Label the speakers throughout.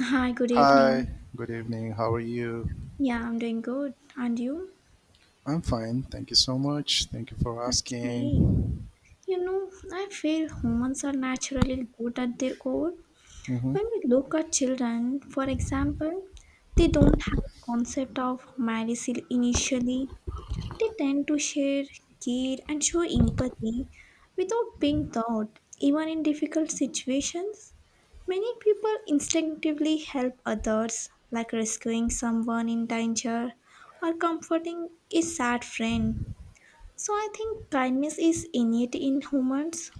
Speaker 1: Hi, good evening.
Speaker 2: Hi, good evening. How are you?
Speaker 1: Yeah, I'm doing good. And you?
Speaker 2: I'm fine. Thank you so much. Thank you for
Speaker 1: Okay.
Speaker 2: asking.
Speaker 1: You know, I feel humans are naturally good at their core.
Speaker 2: Hmm.
Speaker 1: When we look at children, for example, they don't have concept of malice initially. They tend to share care and show empathy without being taught, even in difficult situations. Many people instinctively help others, like rescuing someone in danger or comforting a sad friend. So I think kindness is innate in humans,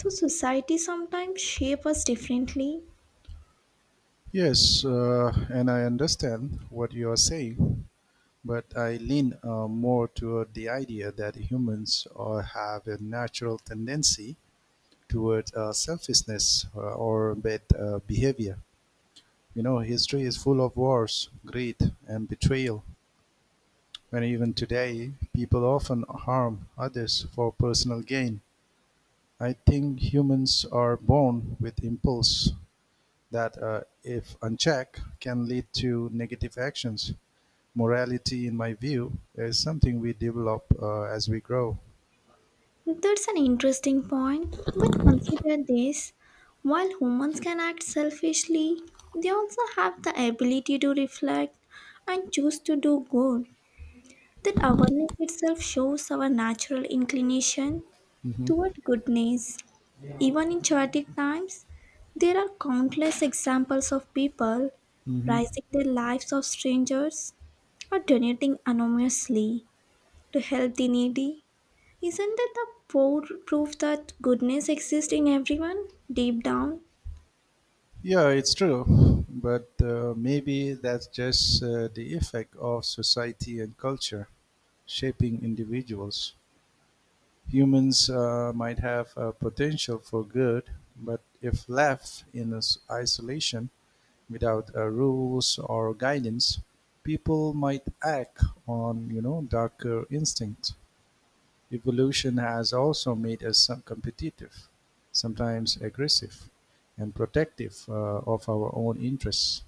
Speaker 1: so society sometimes shapes us differently.
Speaker 2: Yes, and I understand what you are saying, but I lean more toward the idea that humans have a natural tendency toward selfishness or bad behavior. History is full of wars, greed, and betrayal. And even today, people often harm others for personal gain. I think humans are born with impulse that, if unchecked, can lead to negative actions. Morality, in my view, is something we develop as we grow.
Speaker 1: That's an interesting point, but consider this while humans can act selfishly, they also have the ability to reflect and choose to do good. That awareness itself shows our natural inclination
Speaker 2: Hmm.
Speaker 1: toward goodness. Even in chaotic times, there are countless examples of people
Speaker 2: Hmm.
Speaker 1: rising the lives of strangers or donating anonymously to help the needy. Isn't it the pro- proof that goodness exists in everyone, deep down?
Speaker 2: Yeah, it's true, but maybe that's just the effect of society and culture shaping individuals. Humans might have a potential for good, but if left in isolation, without rules or guidance, people might act on darker instincts. Evolution has also made us some competitive, sometimes aggressive, and protective of our own interests.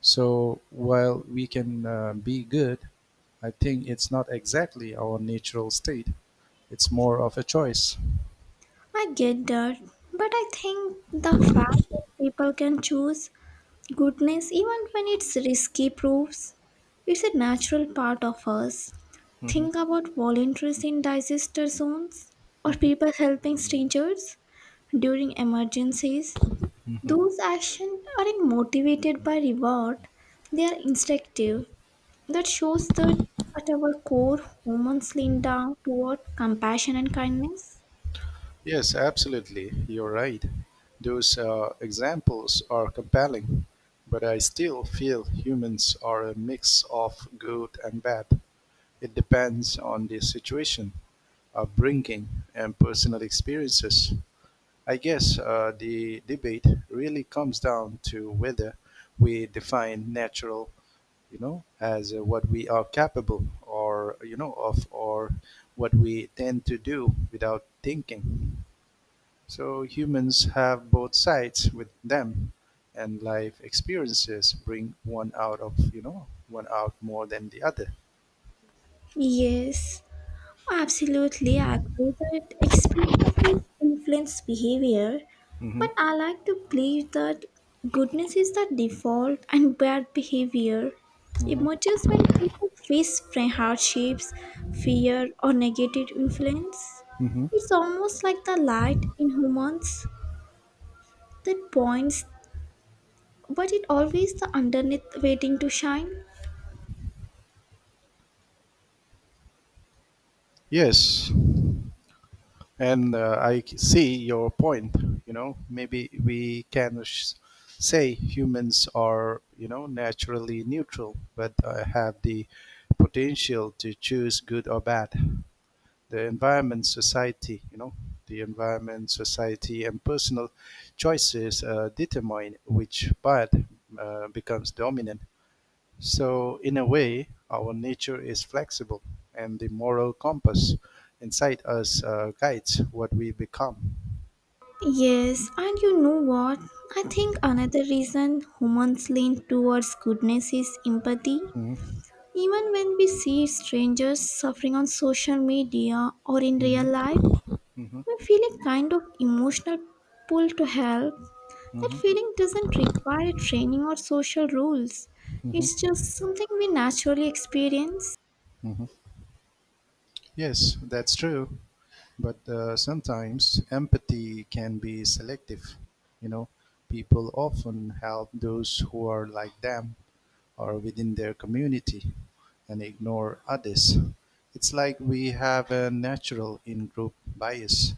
Speaker 2: So while we can be good, I think it's not exactly our natural state. It's more of a choice.
Speaker 1: I get that, but I think the fact that people can choose goodness even when it's risky proves it's a natural part of us. Think about volunteers in disaster zones or people helping strangers during emergencies. Those actions aren't motivated by reward, they are instinctive. That shows that at our core, humans lean down toward compassion and kindness.
Speaker 2: Yes, absolutely. You're right. Those examples are compelling, but I still feel humans are a mix of good and bad. It depends on the situation, upbringing, and personal experiences. I guess the debate really comes down to whether we define natural, as what we are capable or, of, or what we tend to do without thinking. So humans have both sides with them, and life experiences bring one out of one out more than the other.
Speaker 1: Yes, absolutely. I agree that experiences influence behavior,
Speaker 2: Hmm.
Speaker 1: but I like to believe that goodness is the default and bad behavior
Speaker 2: Hmm.
Speaker 1: emerges when people face hardships, fear, or negative influence.
Speaker 2: Hmm.
Speaker 1: It's almost like the light in humans that points but it always the underneath waiting to shine.
Speaker 2: Yes, and I see your point. Maybe we can say humans are naturally neutral, but have the potential to choose good or bad. The environment, society, the environment, society, and personal choices determine which part becomes dominant. So, in a way, our nature is flexible, and the moral compass inside us guides what we become.
Speaker 1: Yes, and you know what? I think another reason humans lean towards goodness is empathy.
Speaker 2: Mhm.
Speaker 1: Even when we see strangers suffering on social media or in real
Speaker 2: Mhm.
Speaker 1: life,
Speaker 2: Mhm.
Speaker 1: we feel a kind of emotional pull to help. That
Speaker 2: Mhm.
Speaker 1: feeling doesn't require training or social rules, it's
Speaker 2: Mhm.
Speaker 1: just something we naturally experience.
Speaker 2: Mhm. Yes, that's true. But sometimes empathy can be selective. You know, people often help those who are like them or within their community and ignore others. It's like we have a natural in group bias.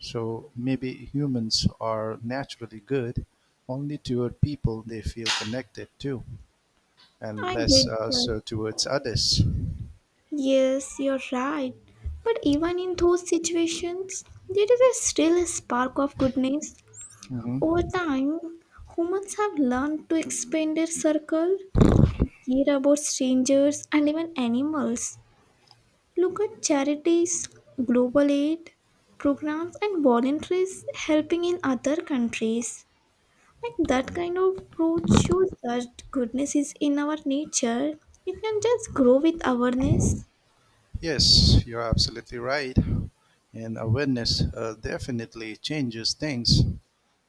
Speaker 2: So maybe humans are naturally good only toward people they feel connected to and
Speaker 1: I
Speaker 2: less
Speaker 1: get that.
Speaker 2: so towards others.
Speaker 1: Yes, you're right. But even in those situations, there is a still a spark of goodness.
Speaker 2: Mhm.
Speaker 1: Over time, humans have learned to expand their circle, care about strangers and even animals. Look at charities, global aid programs, and voluntaries helping in other countries. Like that kind of growth shows that goodness is in our nature. It can just grow with awareness.
Speaker 2: Yes, you're absolutely right. And awareness definitely changes things.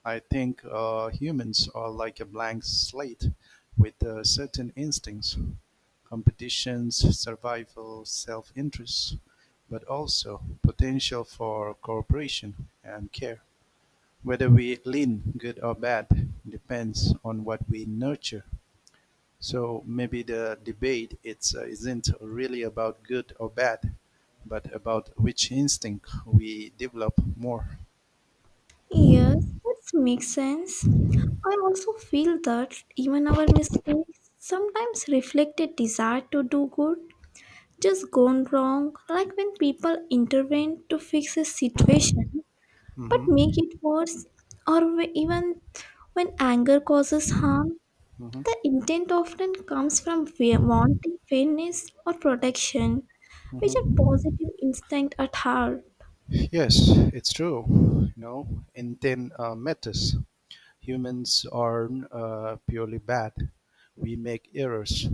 Speaker 2: I think humans are like a blank slate with certain instincts, competitions, survival, self interest, but also potential for cooperation and care. Whether we lean good or bad depends on what we nurture. So maybe the debate isn't really about good or bad, but about which instinct we develop more.
Speaker 1: Yes, that makes sense. I also feel that even our mistakes sometimes reflect a desire to do good, just gone wrong, like when people intervene to fix a situation but make
Speaker 2: Hmm.
Speaker 1: it worse, or even when anger causes harm.
Speaker 2: Hmm.
Speaker 1: The intent often comes from wanting fairness or protection, which are
Speaker 2: Hmm.
Speaker 1: positive instinct at heart.
Speaker 2: Yes, it's true. Intent matters. Humans aren't purely bad. We make errors,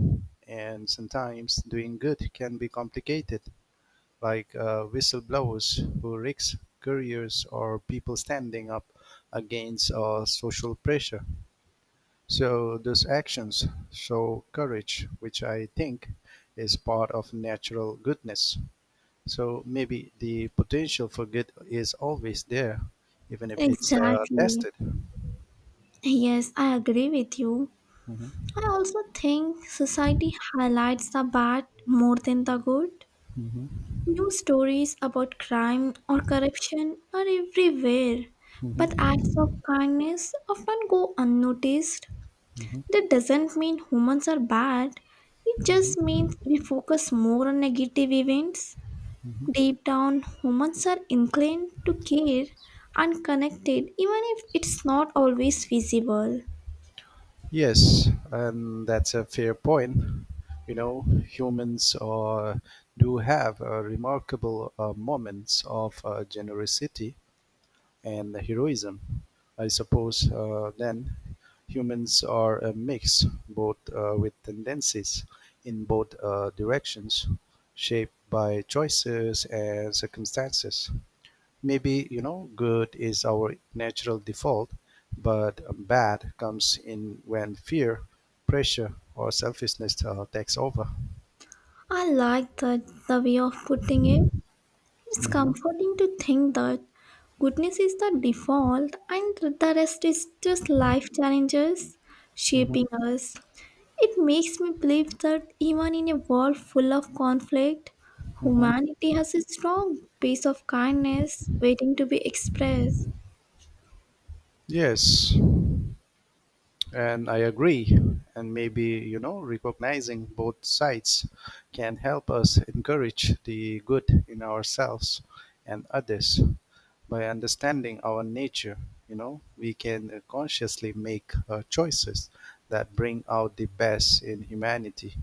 Speaker 2: and sometimes doing good can be complicated. Like whistleblowers who risk careers or people standing up against social pressure. So those actions show courage, which I think is part of natural goodness. So maybe the potential for good is always there, even if it's
Speaker 1: Exactly.
Speaker 2: tested.
Speaker 1: Yes, I agree with you.
Speaker 2: Mhm,
Speaker 1: I also think society highlights the bad more than the good.
Speaker 2: mhm,
Speaker 1: News stories about crime or corruption are everywhere, but acts of
Speaker 2: mhm,
Speaker 1: kindness often go unnoticed.
Speaker 2: mhm,
Speaker 1: That doesn't mean humans are bad, it just means we focus more on negative events.
Speaker 2: mhm.
Speaker 1: Deep down, humans are inclined to care and connected, even if it's not always visible.
Speaker 2: Yes, and that's a fair point. Humans do have remarkable moments of generosity and heroism. I suppose then humans are a mix, both with tendencies in both directions, shaped by choices and circumstances. Maybe, good is our natural default, but bad comes in when fear, pressure, or selfishness takes over.
Speaker 1: I like that the way of putting it. It's
Speaker 2: Mhm,
Speaker 1: comforting to think that goodness is the default and the rest is just life challenges
Speaker 2: mhm,
Speaker 1: shaping us. It makes me believe that even in a world full of conflict,
Speaker 2: mhm.
Speaker 1: humanity has a strong piece of kindness waiting to be expressed.
Speaker 2: Yes, and I agree. And maybe, recognizing both sides can help us encourage the good in ourselves and others by understanding our nature, we can consciously make choices that bring out the best in humanity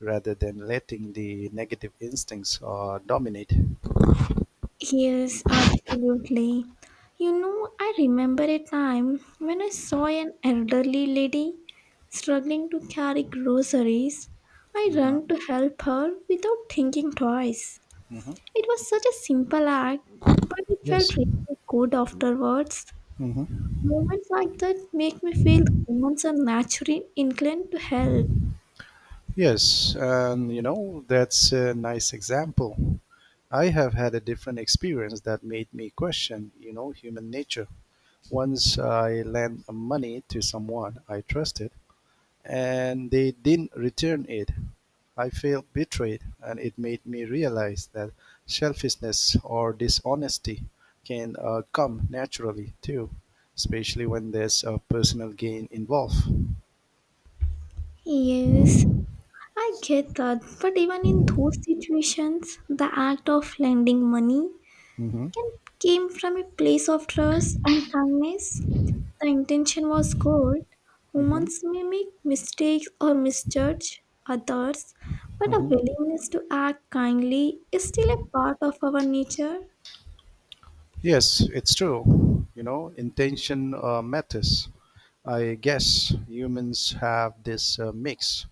Speaker 2: rather than letting the negative instincts dominate.
Speaker 1: Yes, absolutely. You know, I remember a time when I saw an elderly lady struggling to carry groceries. I ran to help her without thinking twice.
Speaker 2: Mhm.
Speaker 1: It was such a simple act, but it
Speaker 2: Yes.
Speaker 1: felt really good afterwards.
Speaker 2: Hmm.
Speaker 1: Moments like that make me feel humans are naturally inclined to help.
Speaker 2: Yes. And, that's a nice example. I have had a different experience that made me question, human nature. Once I lent money to someone I trusted, and they didn't return it. I felt betrayed, and it made me realize that selfishness or dishonesty can come naturally too, especially when there's a personal gain involved.
Speaker 1: Yes, I get that. But even in those situations, the act of lending money
Speaker 2: Hmm.
Speaker 1: can came from a place of trust and kindness. The intention was good.
Speaker 2: Hmm.
Speaker 1: Humans may make mistakes or misjudge others, but a
Speaker 2: Hmm.
Speaker 1: willingness to act kindly is still a part of our nature.
Speaker 2: Yes, it's true. Intention matters. I guess humans have this mix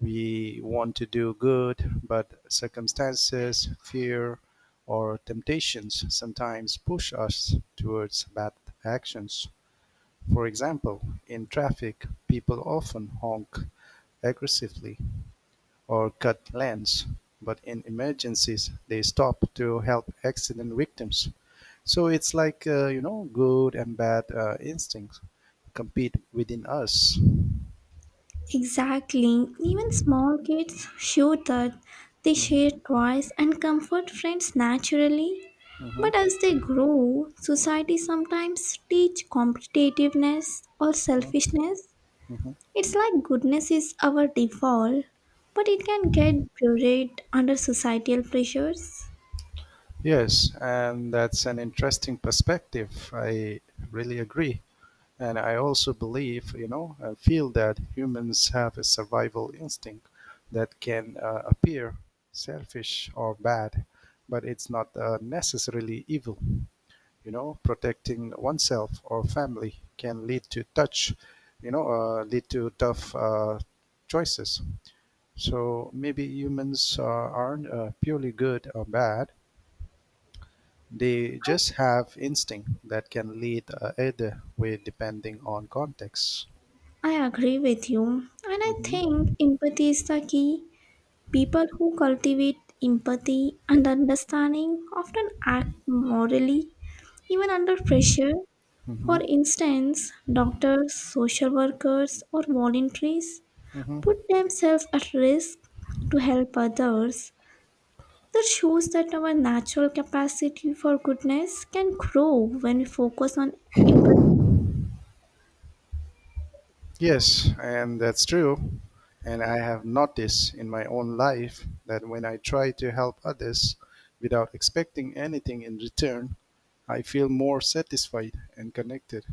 Speaker 2: we want to do good, but circumstances, fear, or temptations sometimes push us towards bad actions. For example, in traffic, people often honk aggressively or cut lanes, but in emergencies, they stop to help accident victims. So it's like, good and bad instincts compete within us.
Speaker 1: Exactly. Even small kids show that they
Speaker 2: Hmm.
Speaker 1: share toys and comfort friends naturally.
Speaker 2: Hmm.
Speaker 1: But as they grow, society sometimes teach competitiveness or selfishness.
Speaker 2: Hmm.
Speaker 1: It's like goodness is our default, but it can get buried under societal pressures.
Speaker 2: Yes, and that's an interesting perspective. I really agree. And I also believe, I feel that humans have a survival instinct that can appear selfish or bad, but it's not necessarily evil. Protecting oneself or family can lead to tough choices. So maybe humans aren't purely good or bad. They just have instinct that can lead either way depending on context.
Speaker 1: I agree with you, and I think
Speaker 2: Hmm.
Speaker 1: empathy is the key. People who cultivate empathy and understanding often act morally, even under pressure.
Speaker 2: Hmm.
Speaker 1: For instance, doctors, social workers, or volunteers
Speaker 2: Hmm.
Speaker 1: put themselves at risk to help others. That shows that our natural capacity for goodness can grow when we focus on empathy.
Speaker 2: Yes, and that's true. And I have noticed in my own life that when I try to help others without expecting anything in return, I feel more satisfied and connected.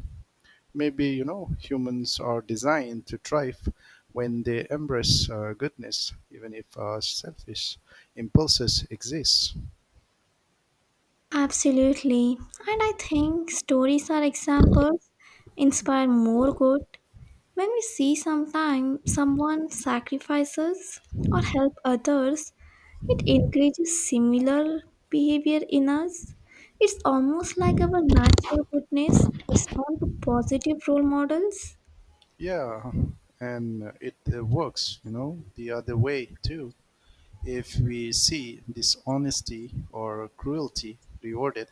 Speaker 2: Maybe, humans are designed to thrive when they embrace goodness, even if selfish impulses exist.
Speaker 1: Absolutely. And I think stories are examples inspire more good when we see sometime someone sacrifices or help others it encourages similar behavior in us. It's almost like our natural goodness respond to positive role models.
Speaker 2: Yeah, and it works, the other way too. If we see dishonesty or cruelty rewarded,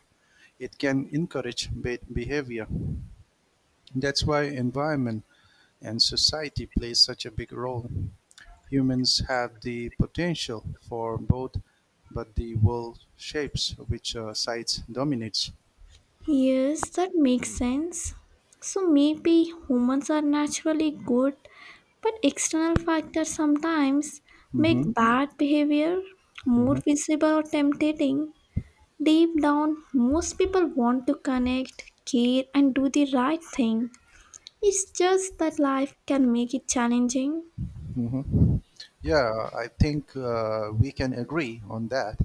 Speaker 2: it can encourage bad behavior. That's why environment and society play such a big role. Humans have the potential for both, but the world shapes which sides dominates.
Speaker 1: Yes, that makes sense. So maybe humans are naturally good, but external factors sometimes
Speaker 2: Hmm.
Speaker 1: make bad behavior more
Speaker 2: Hmm.
Speaker 1: visible or tempting. Deep down, most people want to connect, care, and do the right thing. It's just that life can make it challenging.
Speaker 2: Hmm. Yeah, I think we can agree on that.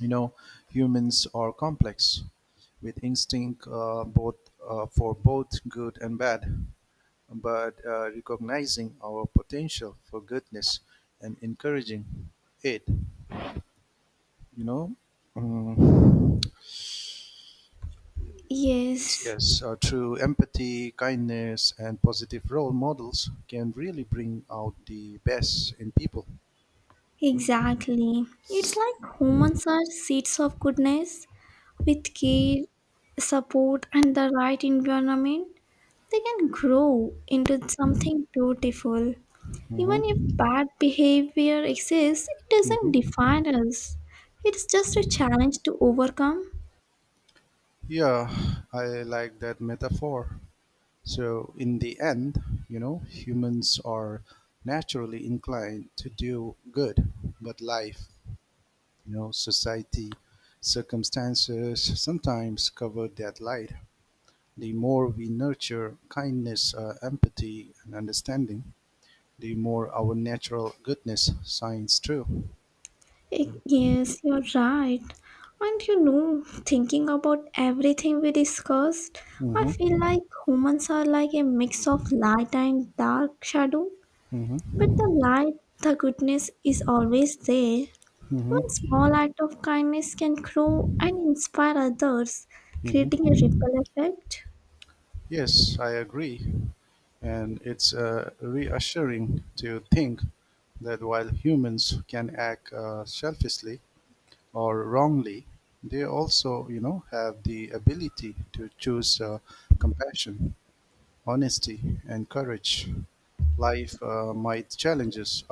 Speaker 2: you know Humans are complex with instinct both for both good and bad but recognizing our potential for goodness and encouraging it, you know um, it's,
Speaker 1: Yes,
Speaker 2: yes, through empathy, kindness, and positive role models can really bring out the best in people.
Speaker 1: exactly. It's like humans are seeds of goodness. With care, support, and the right environment, they can grow into something beautiful. Even if
Speaker 2: Mhm.
Speaker 1: bad behavior exists, it doesn't
Speaker 2: Mhm.
Speaker 1: define us. It's just a challenge to overcome.
Speaker 2: Yeah, I like that metaphor. So, in the end, humans are naturally inclined to do good, but life, society, circumstances sometimes cover that light. The more we nurture kindness, empathy, and understanding, the more our natural goodness shines through.
Speaker 1: Yes, you're right. And you know, thinking about everything we discussed, I feel
Speaker 2: Mm-hmm.
Speaker 1: like humans are like a mix of light and dark shadow. But the
Speaker 2: Mm-hmm.
Speaker 1: light, the goodness is always there. One
Speaker 2: Mm-hmm.
Speaker 1: small act of kindness can grow and inspire others, creating a
Speaker 2: Mm-hmm.
Speaker 1: ripple effect.
Speaker 2: Yes, I agree. And it's reassuring to think that while humans can act selfishly or wrongly, they also, have the ability to choose compassion, honesty, and courage. Life might challenge us,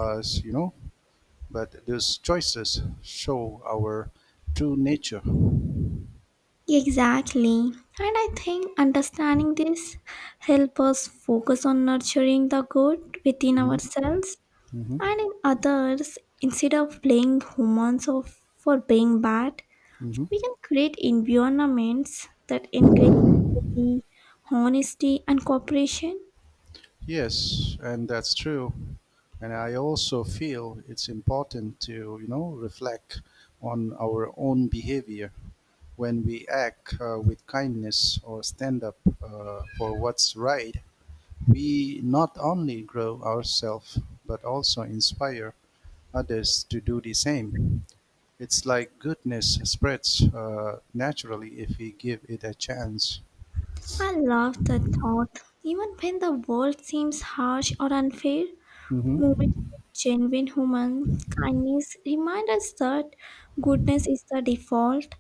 Speaker 2: you know, but those choices show our true nature.
Speaker 1: Exactly. And I think understanding this helps us focus on nurturing the good within
Speaker 2: Hmm.
Speaker 1: ourselves
Speaker 2: Hmm.
Speaker 1: and in others instead of blaming humans of, for being bad.
Speaker 2: Hmm.
Speaker 1: We can create environments that encourage empathy, honesty, and cooperation.
Speaker 2: Yes, and that's true. And I also feel it's important to, reflect on our own behavior when we act with kindness or stand up for what's right. We not only grow ourselves, but also inspire others to do the same. It's like goodness spreads naturally if we give it a chance.
Speaker 1: I love that thought. Even when the world seems harsh or unfair, moments
Speaker 2: Mm-hmm.
Speaker 1: of genuine human kindness remind us that goodness is the default.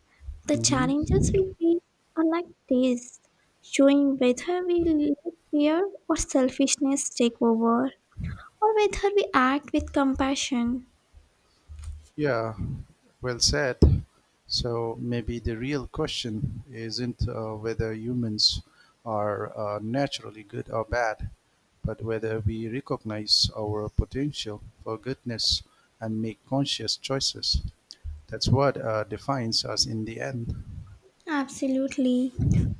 Speaker 1: The
Speaker 2: Mm-hmm.
Speaker 1: challenges we face are like this, showing whether we let fear or selfishness take over, or whether we act with compassion.
Speaker 2: Yeah, well said. So maybe the real question isn't whether humans are naturally good or bad, but whether we recognize our potential for goodness and make conscious choices. That's what defines us in the end.
Speaker 1: Absolutely.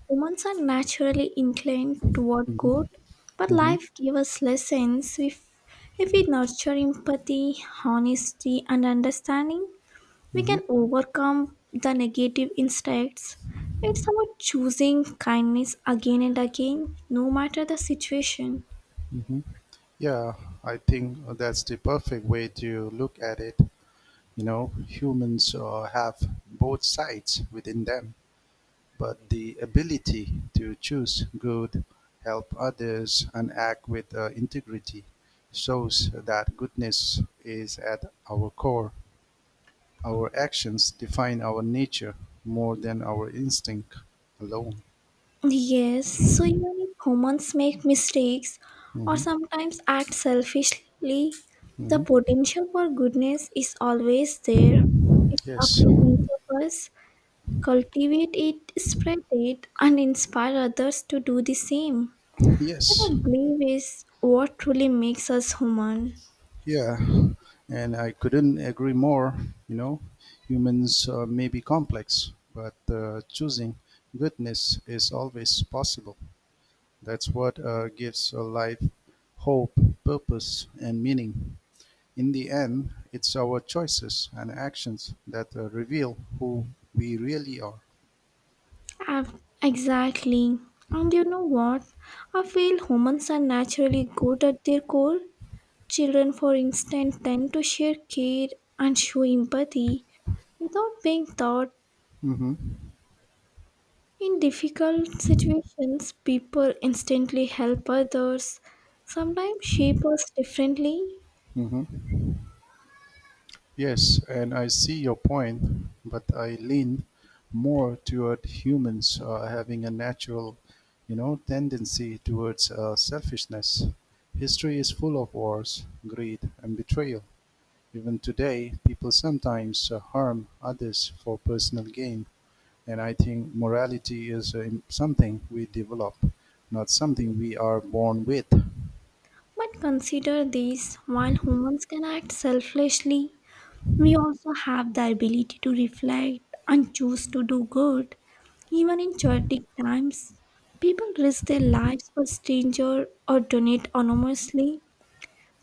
Speaker 1: Humans are naturally inclined toward good,
Speaker 2: Mhm,
Speaker 1: but
Speaker 2: mhm,
Speaker 1: life gives us lessons. If we nurture empathy, honesty, and understanding, we
Speaker 2: mhm,
Speaker 1: can overcome the negative instincts. It's about choosing kindness again and again, no matter the situation.
Speaker 2: mhm. Yeah, I think that's the perfect way to look at it. Humans have both sides within them. But the ability to choose good, help others, and act with integrity shows that goodness is at our core. Our actions define our nature more than our instinct alone.
Speaker 1: Yes, so even if humans make mistakes or
Speaker 2: Hmm.
Speaker 1: sometimes act selfishly, the
Speaker 2: Hmm.
Speaker 1: potential for goodness is always there. It's up
Speaker 2: Yes,
Speaker 1: to each of us cultivate it, spread it, and inspire others to do the same. That
Speaker 2: yes,
Speaker 1: I believe is what truly makes us human.
Speaker 2: yeah. And I couldn't agree more. You know, humans may be complex, but choosing goodness is always possible. That's what gives a life hope, purpose, and meaning. In the end, it's our choices and actions that reveal who we really are.
Speaker 1: Exactly. And you know what? I feel humans are naturally good at their core. Children, for instance, tend to share care and show empathy without being taught.
Speaker 2: Hmm.
Speaker 1: In difficult situations, people instantly help others, sometimes shape us differently.
Speaker 2: Hmm. Yes, and I see your point, but I lean more toward humans having a natural, tendency towards selfishness. History is full of wars, greed, and betrayal. Even today, people sometimes harm others for personal gain, and I think morality is something we develop, not something we are born with.
Speaker 1: But consider this while humans can act selflessly, we also have the ability to reflect and choose to do good. Even in chaotic times, people risk their lives for strangers or donate anonymously.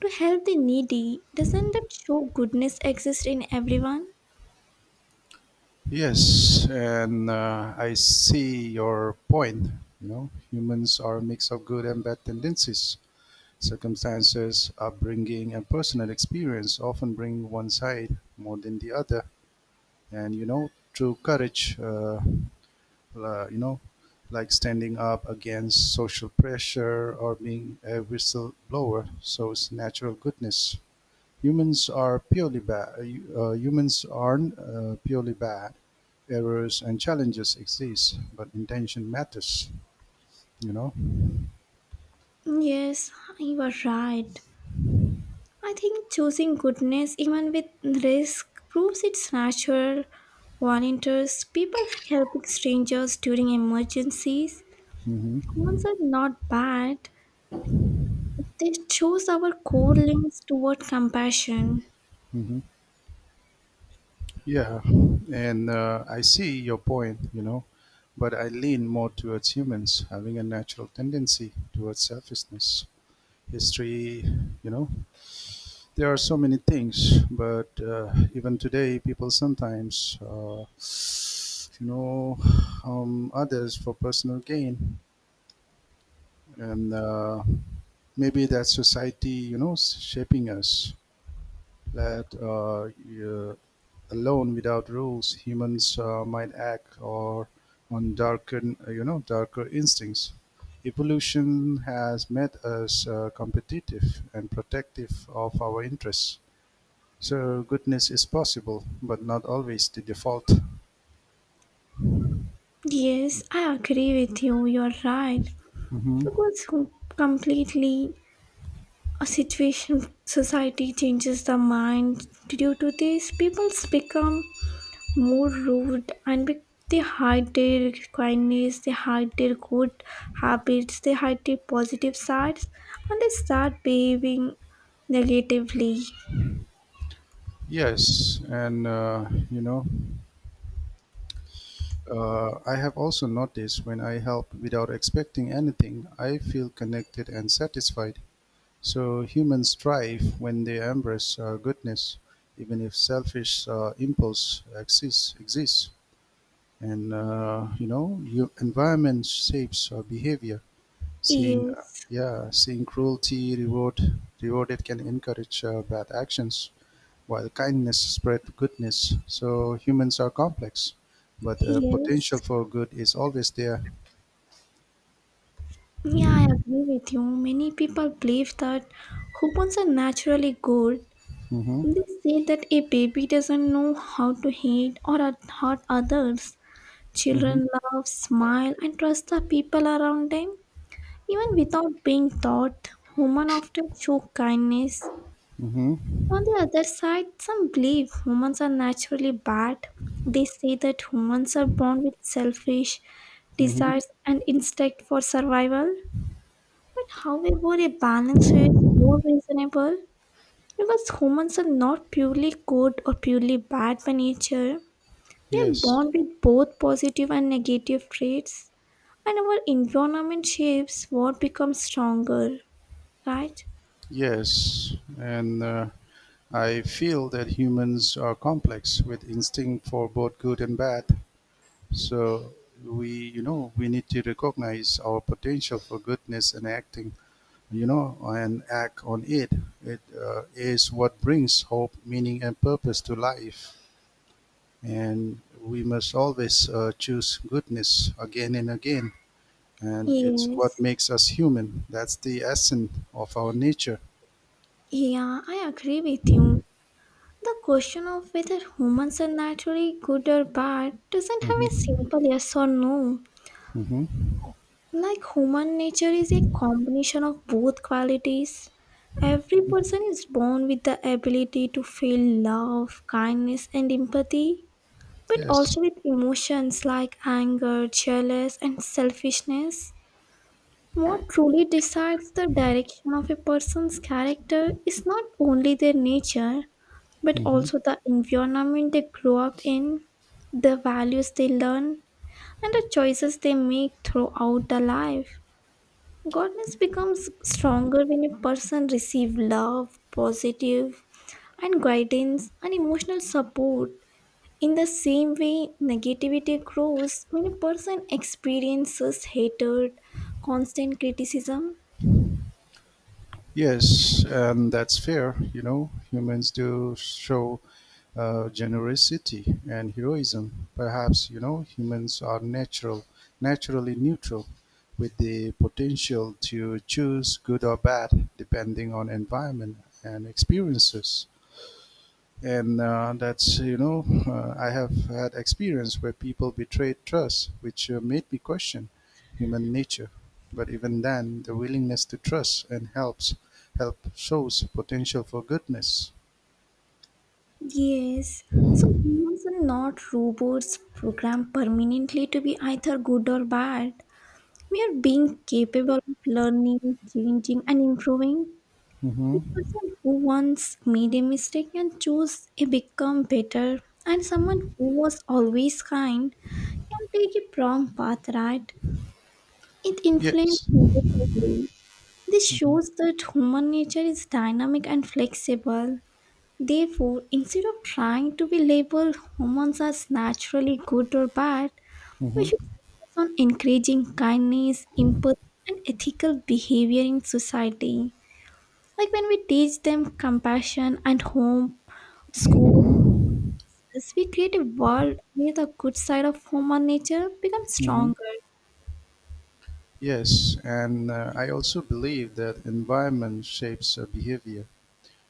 Speaker 1: To help the needy, doesn't that show goodness exists in everyone?
Speaker 2: Yes, and I see your point. Humans are a mix of good and bad tendencies. Circumstances, upbringing, and personal experience often bring one side more than the other. And true courage, uh, you know, like standing up against social pressure or being a whistleblower. So it's natural goodness. Humans are purely bad. Humans aren't purely bad. Errors and challenges exist, but intention matters. You know.
Speaker 1: Yes, you are right. I think choosing goodness, even with risk, proves it's natural. Volunteers, people helping strangers during emergencies,
Speaker 2: Hmm.
Speaker 1: humans are not bad. They choose our core links toward compassion.
Speaker 2: Hmm. Yeah, and I see your point. But I lean more towards humans having a natural tendency towards selfishness. History, you know, there are so many things but even today people sometimes you know others for personal gain, and maybe that society, shaping us, that alone without rules humans might act or on darker you know darker instincts. Evolution has made us competitive and protective of our interests. So goodness is possible, but not always the default.
Speaker 1: Yes, I agree with you. You're right.
Speaker 2: Hmm.
Speaker 1: Because completely a situation society changes the mind due to this people become more rude and they hide their kindness, they hide their good habits, they hide their positive sides, and they start behaving negatively.
Speaker 2: Yes, and I have also noticed when I help without expecting anything, I feel connected and satisfied. So humans thrive when they embrace goodness, even if selfish impulse exists. And your environment shapes behavior. Seeing, uh,
Speaker 1: Yes.
Speaker 2: yeah, seeing cruelty rewarded can encourage bad actions, while kindness spread goodness. So humans are complex, but the potential
Speaker 1: Yes,
Speaker 2: for good is always there.
Speaker 1: yeah, I agree with you. Many people believe that humans are naturally good.
Speaker 2: Mm-hmm.
Speaker 1: They say that a baby doesn't know how to hate or hurt others.
Speaker 2: Mm-hmm.
Speaker 1: Children love, smile, and trust the people around them. Even without being taught, women often show kindness.
Speaker 2: Mm-hmm.
Speaker 1: On the other side, some believe humans are naturally bad. They say that humans are born with selfish
Speaker 2: Mm-hmm.
Speaker 1: desires and instinct for survival. But however, a balance is more reasonable because humans are not purely good or purely bad by nature. We are
Speaker 2: Yes.
Speaker 1: born with both positive and negative traits, and our environment shapes what becomes stronger, right?
Speaker 2: Yes. And I feel that humans are complex with instinct for both good and bad. So we need to recognize our potential for goodness and and act on it. It is what brings hope, meaning, and purpose to life. And we must always choose goodness again and again. And it's what
Speaker 1: Yes.
Speaker 2: makes us human. That's the essence of our nature.
Speaker 1: Yeah, I agree with you. The question of whether humans are naturally good or bad doesn't have a
Speaker 2: Hmm.
Speaker 1: simple yes or no.
Speaker 2: Hmm.
Speaker 1: Like human nature is a combination of both qualities. Every person is born with the ability to feel love, kindness, and empathy, but
Speaker 2: Yes.
Speaker 1: also with emotions like anger, jealous, and selfishness. What truly decides the direction of a person's character is not only their nature, but
Speaker 2: Hmm.
Speaker 1: also the environment they grow up in, the values they learn, and the choices they make throughout the life. Godness becomes stronger when a person receives love, positive, and guidance and emotional support. In the same way, negativity grows when a person experiences hatred, constant criticism.
Speaker 2: Yes, and that's fair. Humans do show generosity and heroism. Perhaps humans are naturally neutral, with the potential to choose good or bad depending on environment and experiences. And that's you know I have had experience where people betrayed trust, which made me question human nature. But even then, the willingness to trust and help shows potential for goodness.
Speaker 1: Yes. So humans are not robots programmed permanently to be either good or bad. We are being capable of learning, changing, and improving.
Speaker 2: Hmm.
Speaker 1: The person who once made a mistake and chose a become better, and someone who was always kind can take a wrong path, right? It influences
Speaker 2: Yes.
Speaker 1: negatively. This
Speaker 2: Hmm.
Speaker 1: shows that human nature is dynamic and flexible. Therefore, instead of trying to be labeled humans as naturally good or bad, we
Speaker 2: Hmm.
Speaker 1: should focus on encouraging kindness, empathy, and ethical behavior in society. Like when we teach them compassion and home, school, we create a world where the good side of human nature becomes
Speaker 2: Hmm.
Speaker 1: stronger.
Speaker 2: Yes, and I also believe that environment shapes behavior.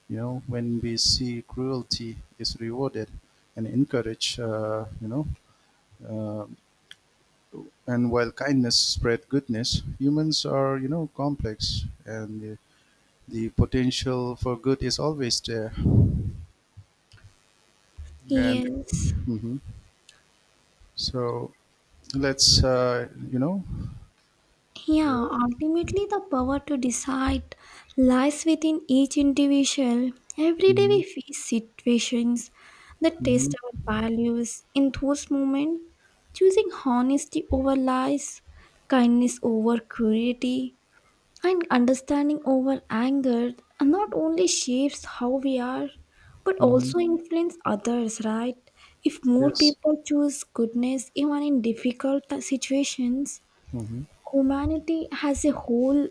Speaker 2: When we see cruelty is rewarded and encouraged, uh, and while kindness spread goodness, humans are, complex, and the potential for good is always there. And
Speaker 1: Yes.
Speaker 2: hmm so let's. Uh,
Speaker 1: Yeah, ultimately, the power to decide lies within each individual. Every day
Speaker 2: hmm.
Speaker 1: we face situations that
Speaker 2: Hmm.
Speaker 1: test our values. In those moments, choosing honesty over lies, kindness over cruelty, and understanding over anger not only shapes how we are, but
Speaker 2: Hmm.
Speaker 1: also influence others, right? If more
Speaker 2: Yes.
Speaker 1: people choose goodness even in difficult situations,
Speaker 2: Hmm.
Speaker 1: humanity as a whole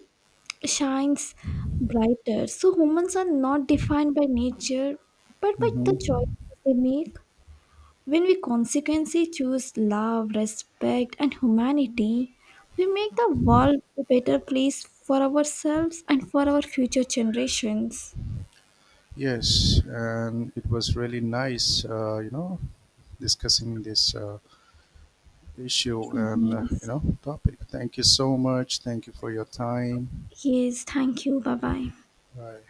Speaker 1: shines brighter. So humans are not defined by nature, but by the
Speaker 2: Hmm.
Speaker 1: choices they make. When we consequently choose love, respect, and humanity, we make the world a better place for ourselves and for our future generations.
Speaker 2: Yes, and it was really nice, discussing this issue and,
Speaker 1: Yes.
Speaker 2: topic. Thank you so much. Thank you for your time.
Speaker 1: Yes. Thank you. Bye bye.
Speaker 2: Bye.